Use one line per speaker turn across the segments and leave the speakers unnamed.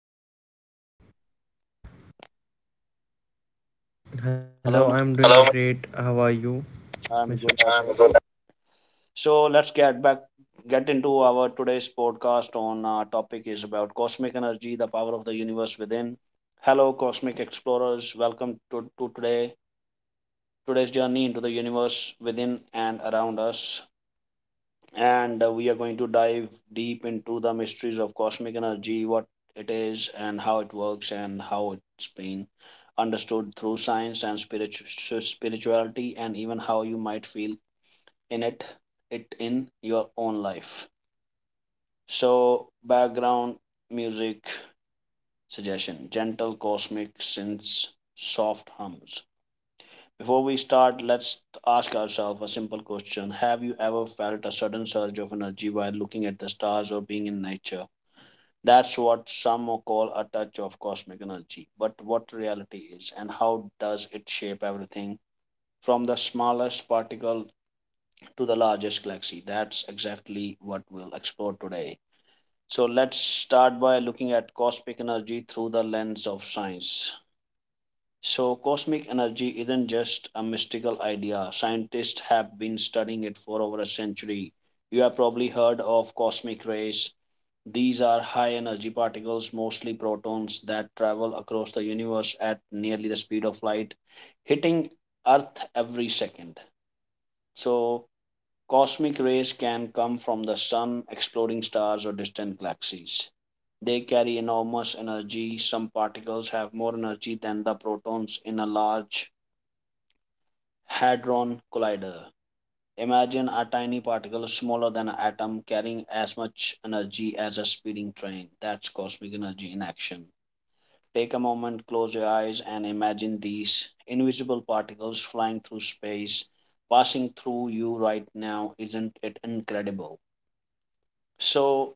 doing?
Hello,
Hello,
I'm doing Hello. Great. How are you,
I'm
Mr.
good as
I'm good,
well. So get into our today's podcast. On our topic is about cosmic energy, the power of the universe within. Hello, cosmic explorers. Welcome to today's journey into the universe within and around us. And We are going to dive deep into the mysteries of cosmic energy, what it is, and how it works, and how it's been understood through science and spirituality, and even how you might feel in it, it in your own life. So, background music suggestion: gentle cosmic synths, soft hums. Before we start, let's ask ourselves a simple question. Have you ever felt a sudden surge of energy while looking at the stars or being in nature? That's what some call a touch of cosmic energy. But what reality is, and how does it shape everything from the smallest particle to the largest galaxy? That's exactly what we'll explore today. So let's start by looking at cosmic energy through the lens of science. So, cosmic energy isn't just a mystical idea. Scientists have been studying it for over a century. You have probably heard of cosmic rays. These are high energy particles, mostly protons, that travel across the universe at nearly the speed of light, hitting Earth every second. So, cosmic rays can come from the sun, exploding stars, or distant galaxies. They carry enormous energy. Some particles have more energy than the protons in a large Hadron Collider. Imagine a tiny particle smaller than an atom carrying as much energy as a speeding train. That's cosmic energy in action. Take a moment, close your eyes, and imagine these invisible particles flying through space, passing through you right now. Isn't it incredible? So,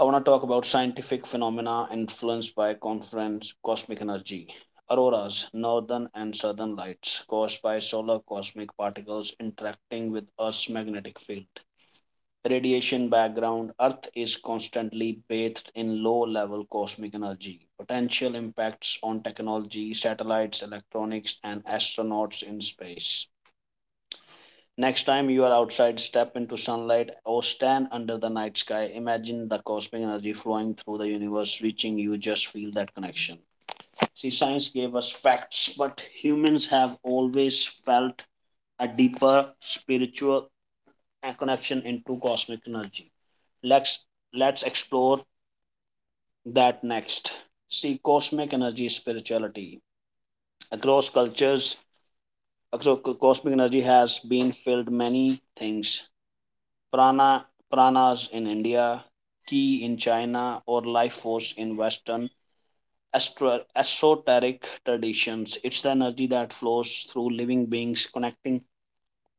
I want to talk about scientific phenomena influenced by conference cosmic energy. Auroras, northern and southern lights caused by solar cosmic particles interacting with Earth's magnetic field. Radiation background: Earth is constantly bathed in low level cosmic energy. Potential impacts on technology, satellites, electronics, and astronauts in space. Next time you are outside, step into sunlight or stand under the night sky. Imagine the cosmic energy flowing through the universe, reaching you. Just feel that connection. See, science gave us facts, but humans have always felt a deeper spiritual connection into cosmic energy. Let's let's explore that next. See, cosmic energy spirituality across cultures. Cosmic energy has been filled many things: prana, pranas in India, ki in China, or life force in Western esoteric traditions. It's the energy that flows through living beings, connecting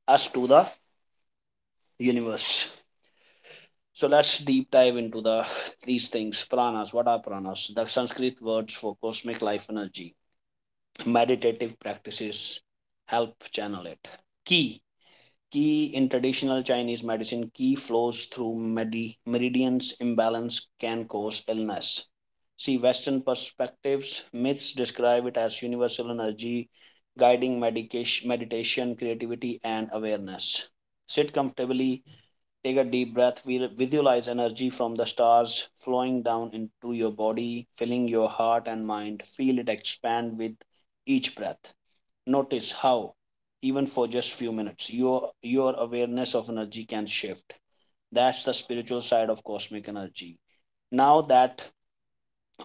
us to the universe. So let's deep dive into these things. Pranas. What are pranas? The Sanskrit words for cosmic life energy. Meditative practices help channel it. Ki, Qi in traditional Chinese medicine, Qi flows through meridians. Imbalance can cause illness. See, Western perspectives, myths describe it as universal energy, guiding medication, meditation, creativity, and awareness. Sit comfortably, take a deep breath, visualize energy from the stars flowing down into your body, filling your heart and mind. Feel it expand with each breath. Notice how, even for just few minutes, your awareness of energy can shift. That's the spiritual side of cosmic energy. Now that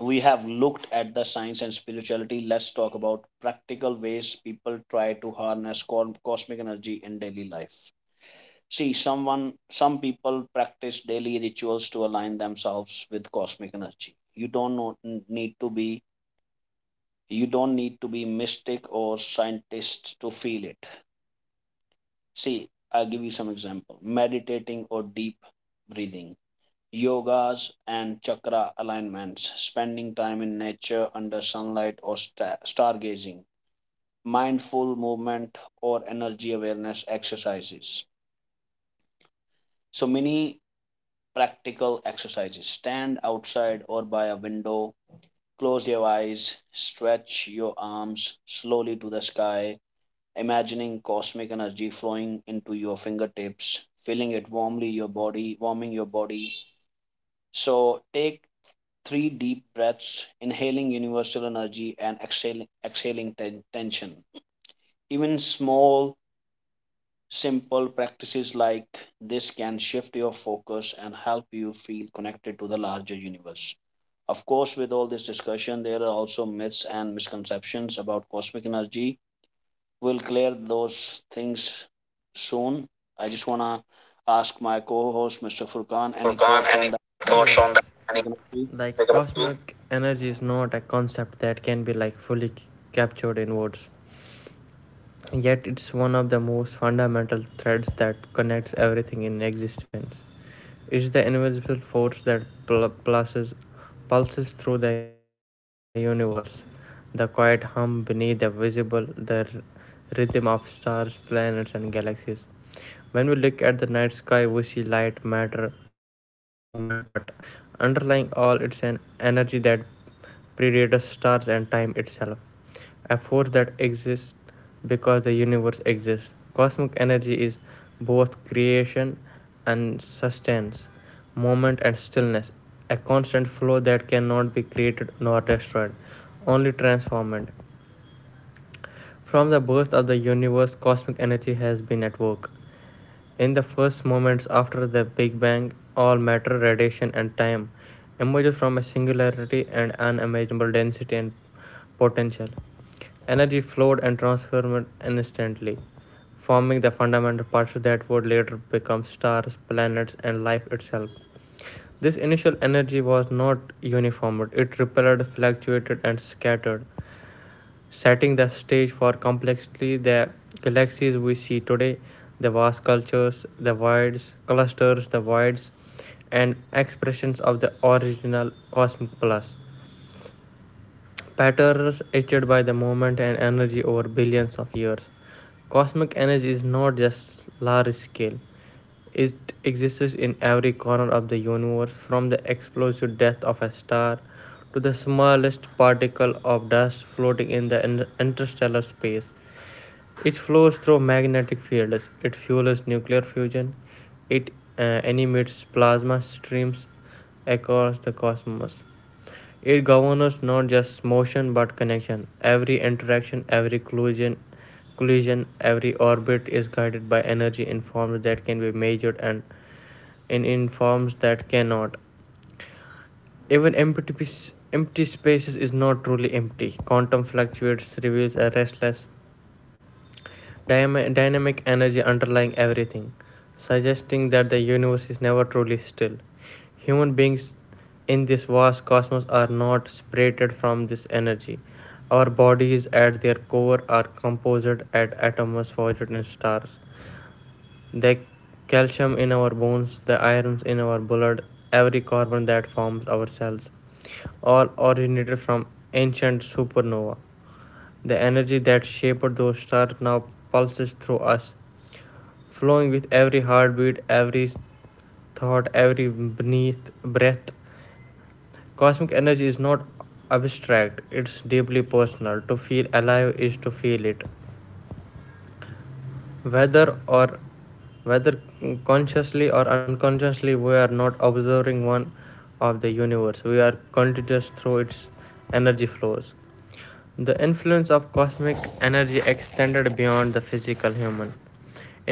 we have looked at the science and spirituality, let's talk about practical ways people try to harness cosmic energy in daily life. See, some people practice daily rituals to align themselves with cosmic energy. Need to be you don't need to be mystic or scientist to feel it. See, I'll give you some example. Meditating or deep breathing, yogas and chakra alignments, spending time in nature under sunlight or stargazing, mindful movement or energy awareness exercises. So many practical exercises. Stand outside or by a window, close your eyes, stretch your arms slowly to the sky, imagining cosmic energy flowing into your fingertips, feeling it warmly your body, warming your body. So take three deep breaths, inhaling universal energy and tension. Even small simple practices like this can shift your focus and help you feel connected to the larger universe. Of course, with all this discussion, there are also myths and misconceptions about cosmic energy. We'll clear those things soon. I just want to ask my co host, Mr. Furkan, any
Mr.
thoughts on
Furkan.
that?
Any
Any
thoughts on that? Any
cosmic energy?
Like cosmic energy is not a concept that can be fully captured in words. Yet it's one of the most fundamental threads that connects everything in existence. It's the invisible force that pulses through the universe. The quiet hum beneath the visible, the rhythm of stars, planets, and galaxies. When we look at the night sky, we see light, matter, movement, but underlying all, it's an energy that predates stars and time itself. A force that exists because the universe exists. Cosmic energy is both creation and sustenance, moment and stillness, a constant flow that cannot be created nor destroyed, only transformed. From the birth of the universe, cosmic energy has been at work. In the first moments after the Big Bang, all matter, radiation, and time emerges from a singularity and unimaginable density and potential. Energy flowed and transformed instantly, forming the fundamental parts that would later become stars, planets, and life itself. This initial energy was not uniform. It rippled, fluctuated, and scattered, setting the stage for complexly the galaxies we see today, the vast cultures, the voids, clusters, the voids, and expressions of the original cosmic plus. Patterns etched by the movement and energy over billions of years. Cosmic energy is not just large scale, it exists in every corner of the universe, from the explosive death of a star to the smallest particle of dust floating in the interstellar space. It flows through magnetic fields, it fuels nuclear fusion, it animates plasma streams across the cosmos. It governs not just motion but connection. Every interaction, every collision, every orbit is guided by energy in forms that can be measured and in forms that cannot. Even empty spaces is not truly empty. Quantum fluctuates, reveals a restless, dynamic energy underlying everything, suggesting that the universe is never truly still. Human beings in this vast cosmos are not separated from this energy. Our bodies at their core are composed of atoms forged in stars. The calcium in our bones, the irons in our blood, every carbon that forms our cells, all originated from ancient supernova. The energy that shaped those stars now pulses through us, flowing with every heartbeat, every thought, every beneath breath. Cosmic energy is not abstract, it's deeply personal. To feel alive is to feel it. whether or whether consciously or unconsciously, we are not observing one of the universe, we are continuous through its energy flows. The influence of cosmic energy extended beyond the physical human.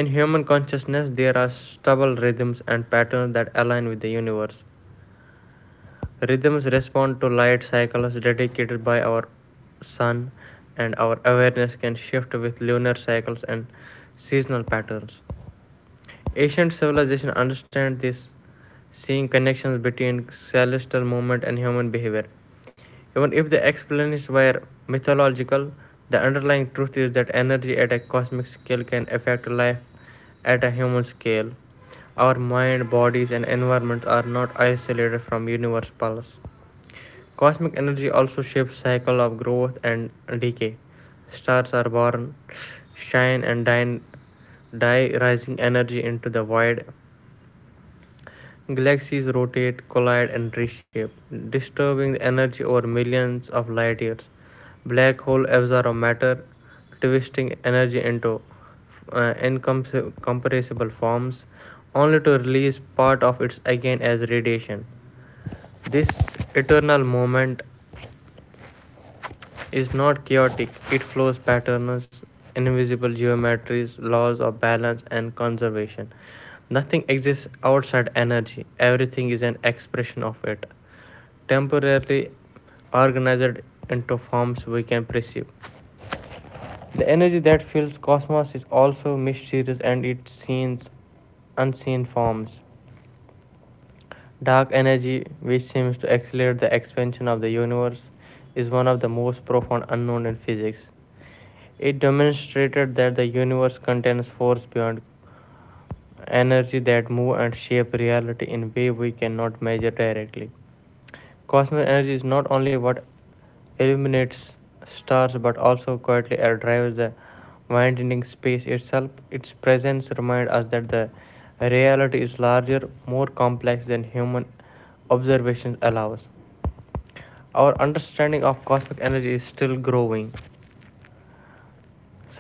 In human consciousness there are stable rhythms and patterns that align with the universe. Rhythms respond to light cycles dedicated by our sun, and our awareness can shift with lunar cycles and seasonal patterns. Ancient civilization understand this, seeing connections between celestial movement and human behavior. Even if the explanations were mythological, the underlying truth is that energy at a cosmic scale can affect life at a human scale. Our mind, bodies, and environment are not isolated from universe pulse. Cosmic energy also shapes the cycle of growth and decay. Stars are born, shine and die, die rising energy into the void. Galaxies rotate, collide and reshape, disturbing the energy over millions of light years. Black hole absorb matter, twisting energy into incompressible forms, only to release part of it again as radiation. This eternal moment is not chaotic, it follows patterns, invisible geometries, laws of balance and conservation. Nothing exists outside energy, everything is an expression of it, temporarily organized into forms we can perceive. The energy that fills cosmos is also mysterious and it seems unseen forms. Dark energy, which seems to accelerate the expansion of the universe, is one of the most profound unknown in physics. It demonstrated that the universe contains force beyond energy that move and shape reality in way we cannot measure directly. Cosmic energy is not only what illuminates stars but also quietly drives the widening space itself. Its presence reminds us that the reality is larger, more complex than human observation allows. Our understanding of cosmic energy is still growing.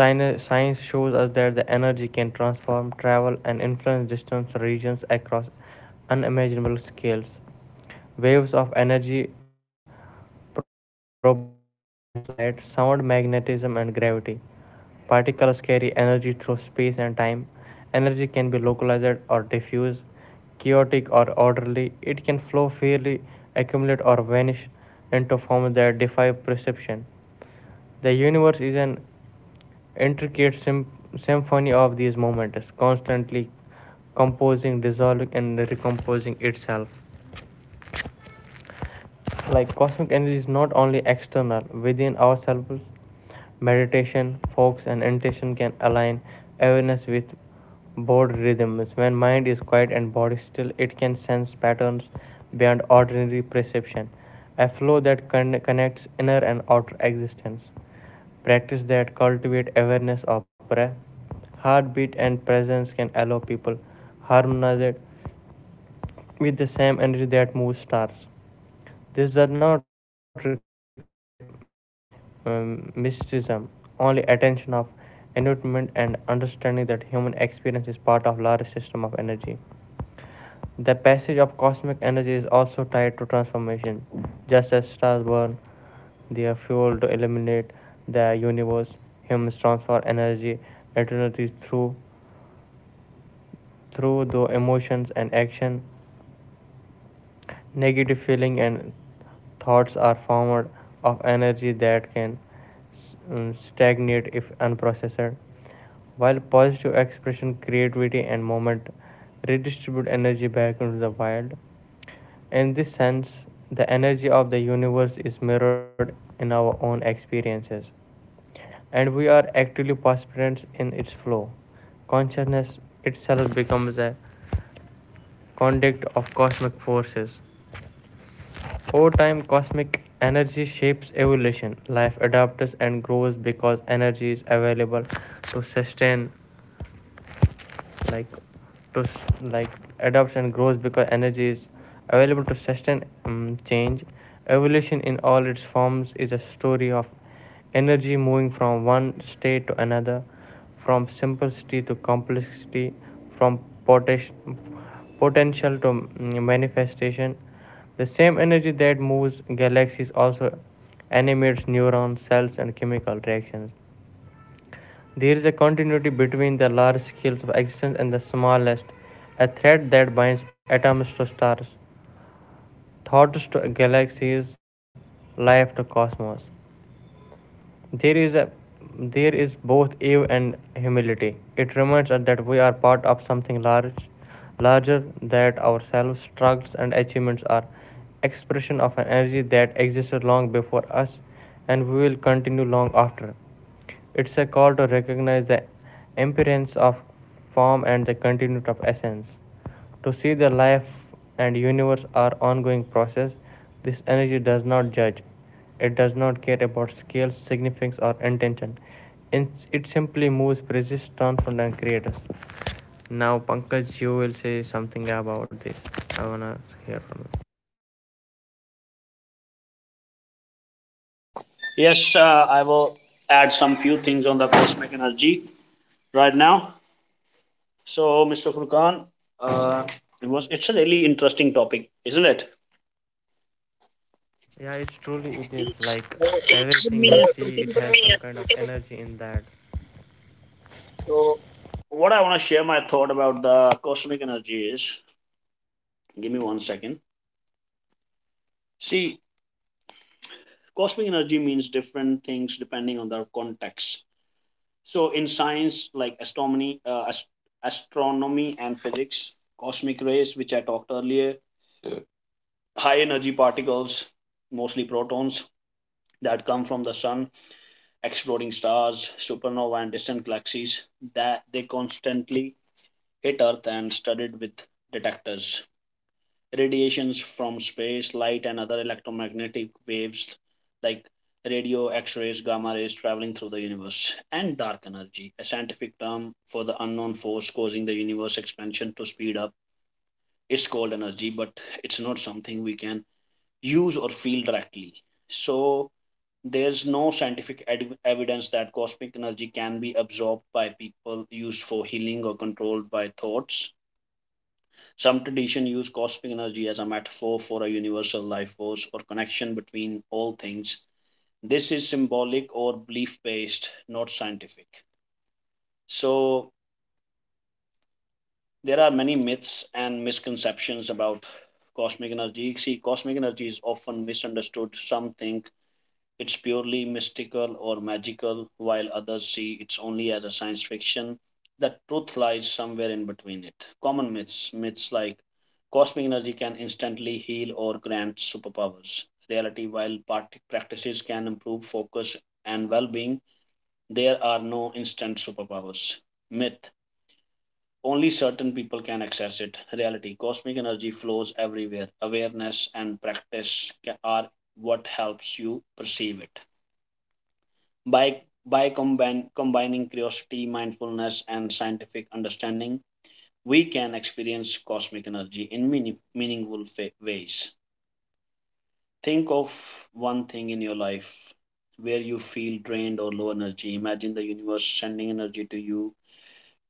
Science shows us that the energy can transform, travel, and influence distant regions across unimaginable scales. Waves of energy propagate as light, sound, magnetism, and gravity. Particles carry energy through space and time. Energy can be localized or diffused, chaotic or orderly. It can flow freely, accumulate, or vanish into forms that defy perception. The universe is an intricate sym- symphony of these moments, constantly composing, dissolving, and recomposing itself. Like cosmic energy is not only external, within ourselves, meditation, focus, and intention can align awareness with board rhythms. When mind is quiet and body still, it can sense patterns beyond ordinary perception, a flow that connects inner and outer existence. Practice that cultivate awareness of breath, heartbeat, and presence can allow people harmonize it with the same energy that moves stars. This does not require mysticism, only attention of enlightenment and understanding that human experience is part of larger system of energy. The passage of cosmic energy is also tied to transformation, just as stars burn. They are fuel to illuminate the universe. Humans transfer energy eternity through the emotions and action. Negative feeling and thoughts are formed of energy that can stagnate if unprocessed. While positive expression, creativity, and movement redistribute energy back into the wild. In this sense, the energy of the universe is mirrored in our own experiences, and we are actively participants in its flow. Consciousness itself becomes a conduct of cosmic forces. Over time, cosmic energy shapes evolution. Life adapts and grows because energy is available to sustain like to like adopts and grows because energy is available to sustain change. Evolution in all its forms is a story of energy moving from one state to another, from simplicity to complexity, from potential to manifestation. The same energy that moves galaxies also animates neurons, cells, and chemical reactions. There is a continuity between the large scales of existence and the smallest, a thread that binds atoms to stars, thoughts to galaxies, life to cosmos. There is a there is both awe and humility. It reminds us that we are part of something large, larger that ourselves. Struggles and achievements are expression of an energy that existed long before us, and we will continue long after. It's a call to recognize the impermanence of form and the continuity of essence. To see the life and universe are ongoing process, this energy does not judge. It does not care about scale, significance, or intention. It simply moves, persists, transforms, and creates. Now, Pankaj, you will say something about this. I wanna hear from you.
Yes, I will add some few things on the cosmic energy right now. So, Mr. Furkan, uh, it's a really interesting topic, isn't it?
Yeah, it's truly it is
Yes.
like
So, it's given
everything
me a
we see. It
second.
has some kind of energy in that.
So, what I want to share my thought about the cosmic energy is, give me one second. See, cosmic energy means different things depending on the context. So in science like astronomy, astronomy and physics, cosmic rays, which I talked earlier, high energy particles, mostly protons, that come from the sun, exploding stars, supernova and distant galaxies, that they constantly hit earth and studied with detectors, radiations from space, light, and other electromagnetic waves like radio, X rays, gamma rays traveling through the universe, and dark energy, a scientific term for the unknown force causing the universe expansion to speed up. It's called energy, but it's not something we can use or feel directly. So, there's no scientific evidence that cosmic energy can be absorbed by people, used for healing, or controlled by thoughts. Some traditions use cosmic energy as a metaphor for a universal life force or connection between all things. This is symbolic or belief based, not scientific. So, there are many myths and misconceptions about cosmic energy. See, cosmic energy is often misunderstood. Some think it's purely mystical or magical, while others see it only as a science fiction. The truth lies somewhere in between it. Common myths, myths like cosmic energy can instantly heal or grant superpowers. Reality, while practices can improve focus and well being, there are no instant superpowers. Myth: only certain people can access it. Reality: cosmic energy flows everywhere. Awareness and practice are what helps you perceive it. By, combining curiosity, mindfulness, and scientific understanding, we can experience cosmic energy in meaningful ways. Think of one thing in your life where you feel drained or low energy. Imagine the universe sending energy to you.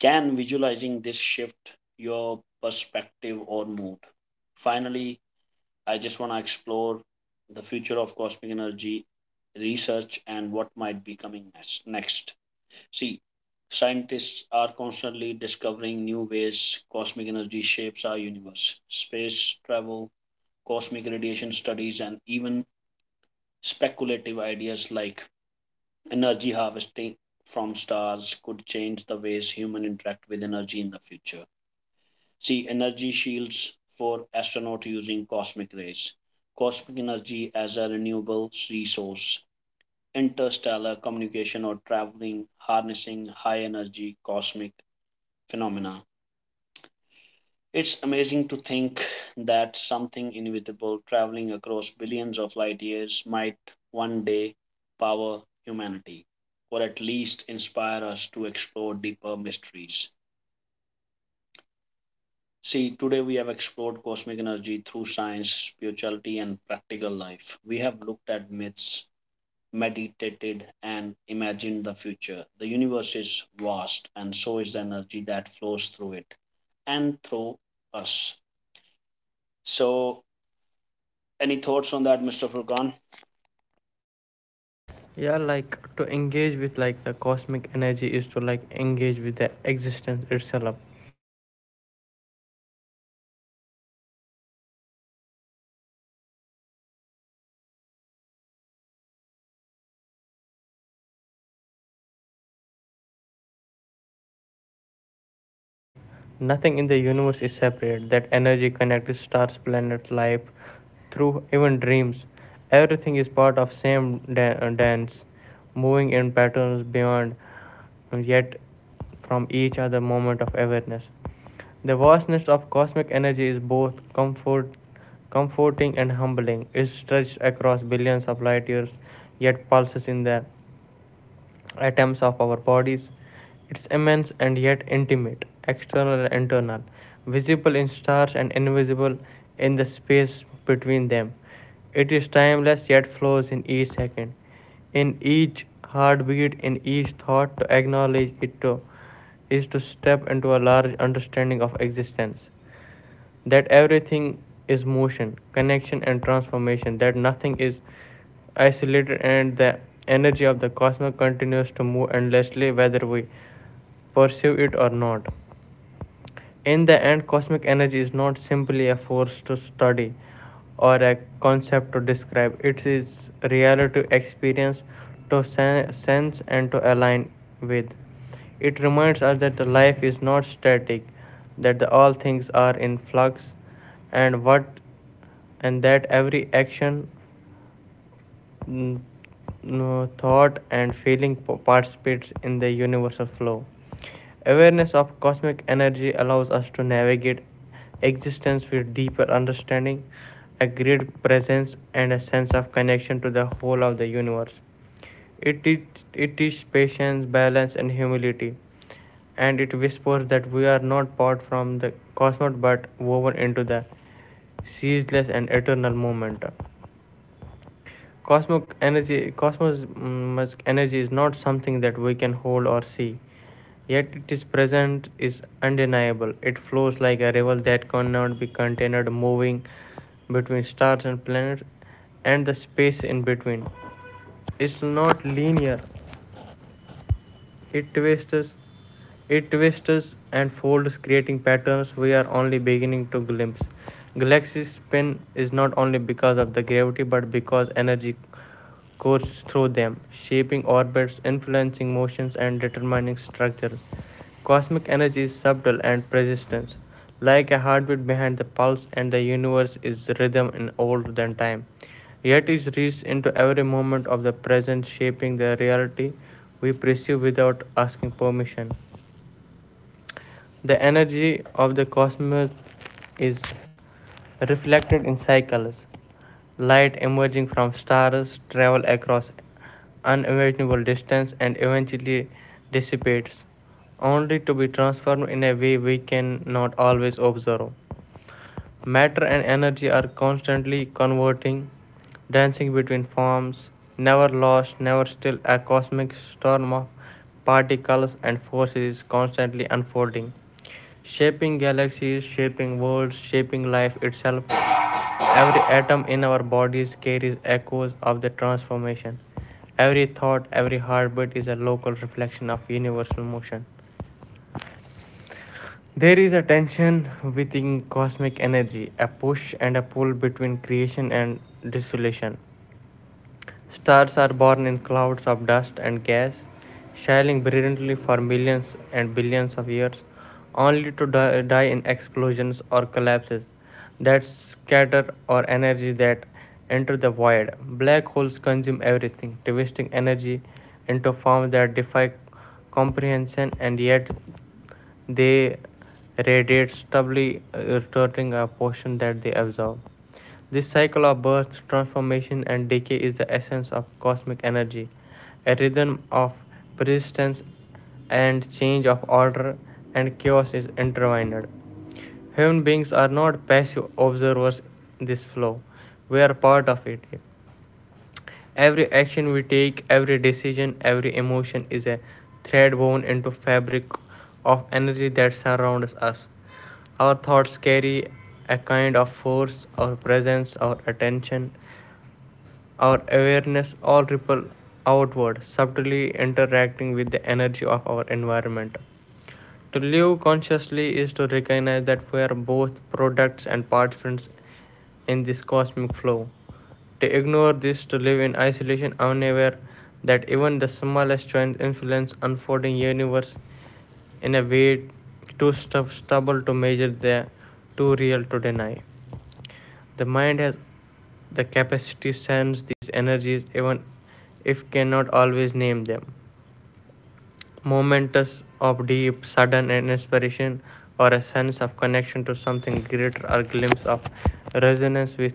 Can visualizing this shift your perspective or mood? Finally, I just want to explore the future of cosmic energy research and what might be coming next. See, scientists are constantly discovering new ways cosmic energy shapes our universe. Space travel, cosmic radiation studies, and even speculative ideas like energy harvesting from stars could change the ways humans interact with energy in the future. See, energy shields for astronauts using cosmic rays, cosmic energy as a renewable resource, interstellar communication or traveling, harnessing high energy cosmic phenomena. It's amazing to think that something invisible traveling across billions of light years might one day power humanity, or at least inspire us to explore deeper mysteries. See, today we have explored cosmic energy through science, spirituality, and practical life. We have looked at myths, meditated, and imagined the future. The universe is vast, and so is the energy that flows through it and through us. So, any thoughts on that, Mr. Furkan?
Yeah, to engage with the cosmic energy is to engage with the existence itself. It's an invitation to observe the universe rhythms, to attune the subtle moments beneath surface appearance, and to participate consulates into the flow of life. Is to understand that nothing in the universe is separate, that energy connects stars, planets, life through even dreams. Everything is part of same dance, moving in patterns beyond yet from each other moment of awareness. The vastness of cosmic energy is both comforting and humbling. It stretches across billions of light years, yet pulses in the atoms of our bodies. It's immense and yet intimate, external and internal, visible in stars and invisible in the space between them. It is timeless yet flows in each second, in each heartbeat, in each thought. To acknowledge it to, is to step into a large understanding of existence. That everything is motion, connection, and transformation, that nothing is isolated, and the energy of the cosmos continues to move endlessly whether we perceive it or not. In the end, cosmic energy is not simply a force to study or a concept to describe, it is reality to experience, to sense, and to align with. It reminds us that the life is not static, that the all things are in flux, and what and that every action Mm, no, thought and feeling participates in the universal flow. Awareness of cosmic energy allows us to navigate existence with deeper understanding, a great presence, and a sense of connection to the whole of the universe. It, teach, it teaches patience, balance, and humility, and it whispers that we are not part from the cosmos but woven into the ceaseless and eternal moment. Cosmos energy is not something that we can hold or see, yet its presence is undeniable. It flows like a river that cannot be contained, moving between stars and planets and the space in between. It's not linear. It twists, it twists and folds, creating patterns we are only beginning to glimpse. Galaxies spin is not only because of the gravity but because energy course through them, shaping orbits, influencing motions, and determining structures. Cosmic energy is subtle and persistent, like a heartbeat behind the pulse, and the universe is rhythm and older than time. Yet it reaches into every moment of the present, shaping the reality we perceive without asking permission. The energy of the cosmos is reflected in cycles. Light emerging from stars travels across unimaginable distance and eventually dissipates, only to be transformed in a way we cannot always observe. Matter and energy are constantly converting, dancing between forms, never lost, never still. A cosmic storm of particles and forces is constantly unfolding, shaping galaxies, shaping worlds, shaping life itself. Every atom in our bodies carries echoes of the transformation. Every thought, every heartbeat is a local reflection of universal motion. There is a tension within cosmic energy, a push and a pull between creation and dissolution. Stars are born in clouds of dust and gas, shining brilliantly for millions and billions of years, only to die in explosions or collapses that scatter or energy that enter the void. Black holes consume everything, twisting energy into forms that defy comprehension, and yet they radiate stably, returning a portion that they absorb. This cycle of birth, transformation, and decay is the essence of cosmic energy, a rhythm of persistence and change of order and chaos is intertwined. Human beings are not passive observers in this flow, we are part of it. Every action we take, every decision, every emotion is a thread woven into fabric of energy that surrounds us. Our thoughts carry a kind of force, our presence, our attention, our awareness all ripple outward, subtly interacting with the energy of our environment. To live consciously is to recognize that we are both products and participants in this cosmic flow. To ignore this, to live in isolation, unaware that even the smallest choice influence unfolding universe in a way too stubble to measure, the too real to deny. The mind has the capacity to sense these energies, even if cannot always name them. Momentous of deep, sudden an inspiration or a sense of connection to something greater or glimpse of resonance with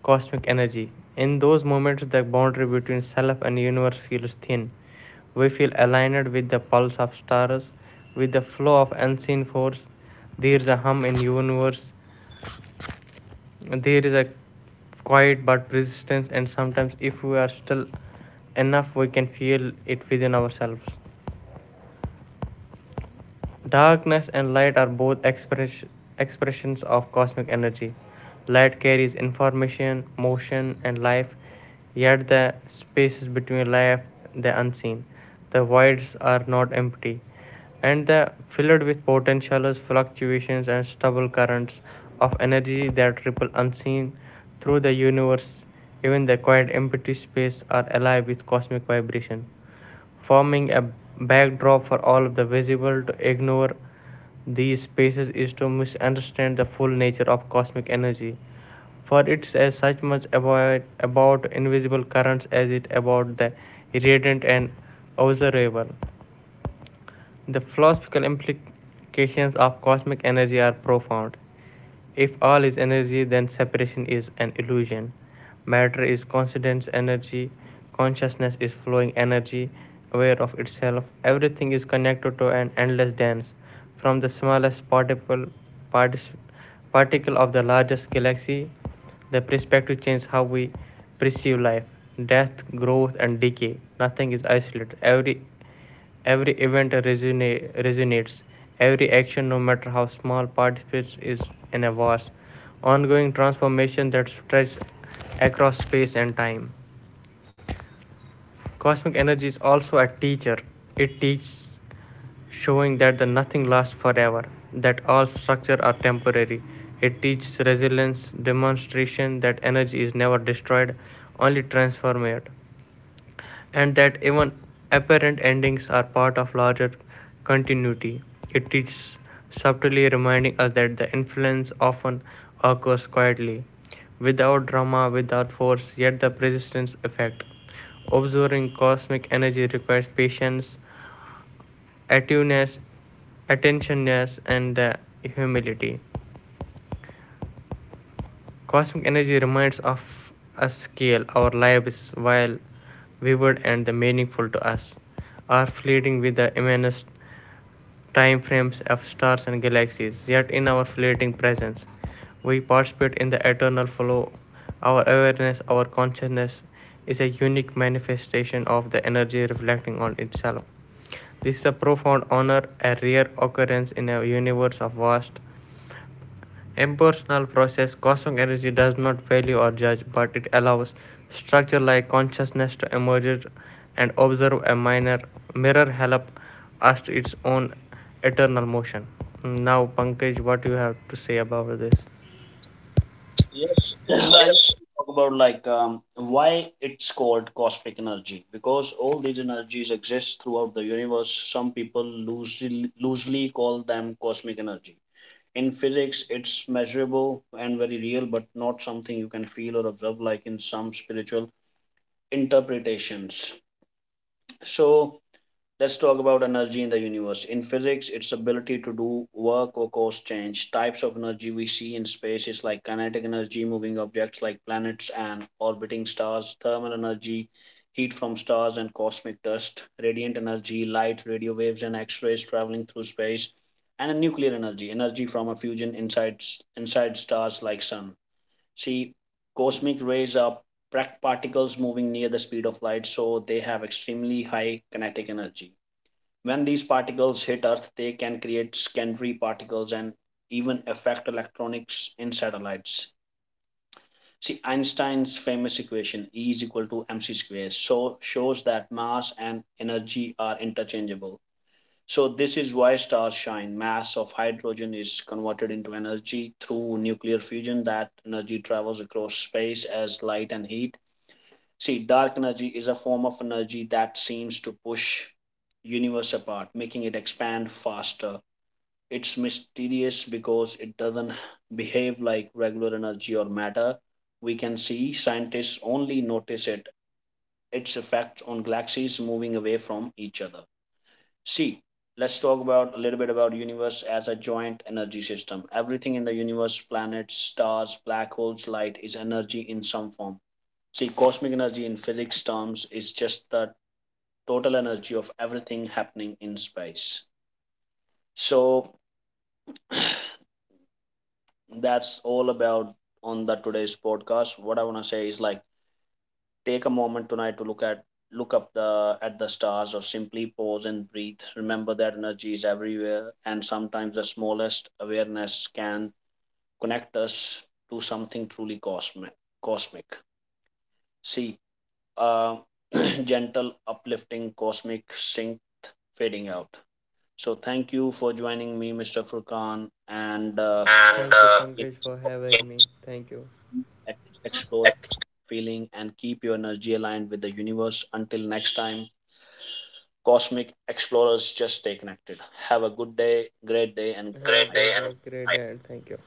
cosmic energy. In those moments, the boundary between self and universe feels thin. We feel aligned with the pulse of stars, with the flow of unseen force. There is a hum in universe. There is a quiet but persistence, and sometimes, if we are still enough, we can feel it within ourselves. Darkness and light are both expressions of cosmic energy. Light carries information, motion, and life, yet the spaces between life, the unseen, the voids are not empty, and they are filled with potentials, fluctuations, and stubble currents of energy that ripple unseen through the universe. Even the quiet, empty space are alive with cosmic vibration, forming a backdrop for all of the visible. To ignore these spaces is to misunderstand the full nature of cosmic energy, for it's as such much about invisible currents as it about the irradiant and observable. The philosophical implications of cosmic energy are profound. If all is energy, then separation is an illusion. Matter is constant energy, consciousness is flowing energy, aware of itself. Everything is connected to an endless dance, from the smallest particle of the largest galaxy. The perspective changes how we perceive life, death, growth, and decay. Nothing is isolated. Every event resonates. Every action, no matter how small, participates is in a vast, ongoing transformation that stretches across space and time. Cosmic energy is also a teacher. It teaches, showing that the nothing lasts forever, that all structures are temporary. It teaches resilience, demonstration that energy is never destroyed, only transformed, and that even apparent endings are part of larger continuity. It is subtly reminding us that the influence often occurs quietly, without drama, without force, yet the persistence effect. Observing cosmic energy requires patience, attuneness, attentionness, and the humility. Cosmic energy reminds of us scale our lives while vivid and the meaningful to us are fleeting with the immense time frames of stars and galaxies. Yet in our fleeting presence, we participate in the eternal flow. Our awareness, our consciousness is a unique manifestation of the energy reflecting on itself. This is a profound honor, a rare occurrence in a universe of vast impersonal process. Cosmic energy does not value or judge, but it allows structure like consciousness to emerge and observe a minor mirror help us to its own eternal motion. Now Pankaj, what do you have to say about this?
Yes, I
Yes,
just talk about like why it's called cosmic energy because all these energies exist throughout the universe. Some people loosely call them cosmic energy. In physics, it's measurable and very real, but not something you can feel or observe like in some spiritual interpretations. So let's talk about energy in the universe. In physics, its ability to do work or cause change. Types of energy we see in space is like kinetic energy, moving objects like planets and orbiting stars, thermal energy, heat from stars and cosmic dust, radiant energy, light, radio waves, and X rays traveling through space, and nuclear energy, energy from a fusion inside stars like Sun. See, cosmic rays are particles moving near the speed of light, so they have extremely high kinetic energy. When these particles hit Earth, they can create secondary particles and even affect electronics in satellites. See, Einstein's famous equation E is equal to mc squared so shows that mass and energy are interchangeable. So this is why stars shine. Mass of hydrogen is converted into energy through nuclear fusion. That energy travels across space as light and heat. See, dark energy is a form of energy that seems to push universe apart, making it expand faster. It's mysterious because it doesn't behave like regular energy or matter we can see. Scientists only notice it its effect on galaxies moving away from each other. See, let's talk about a little bit about universe as a joint energy system. Everything in the universe, planets, stars, black holes, light is energy in some form. See, cosmic energy in physics terms is just the total energy of everything happening in space. So that's all about on the today's podcast. What I want to say is like take a moment tonight to look up the at the stars or simply pause and breathe. Remember that energy is everywhere and sometimes the smallest awareness can connect us to something truly cosmic. See, uh, gentle uplifting cosmic synth fading out. So thank you for joining me, Mr. Furkan, and
and thank you,
let
Pankaj, for having me. Thank you.
feeling and keep your energy aligned with the universe. Until next time, cosmic explorers, just stay connected. Have a good day, great day, and
great
night.
day and Great day and thank you.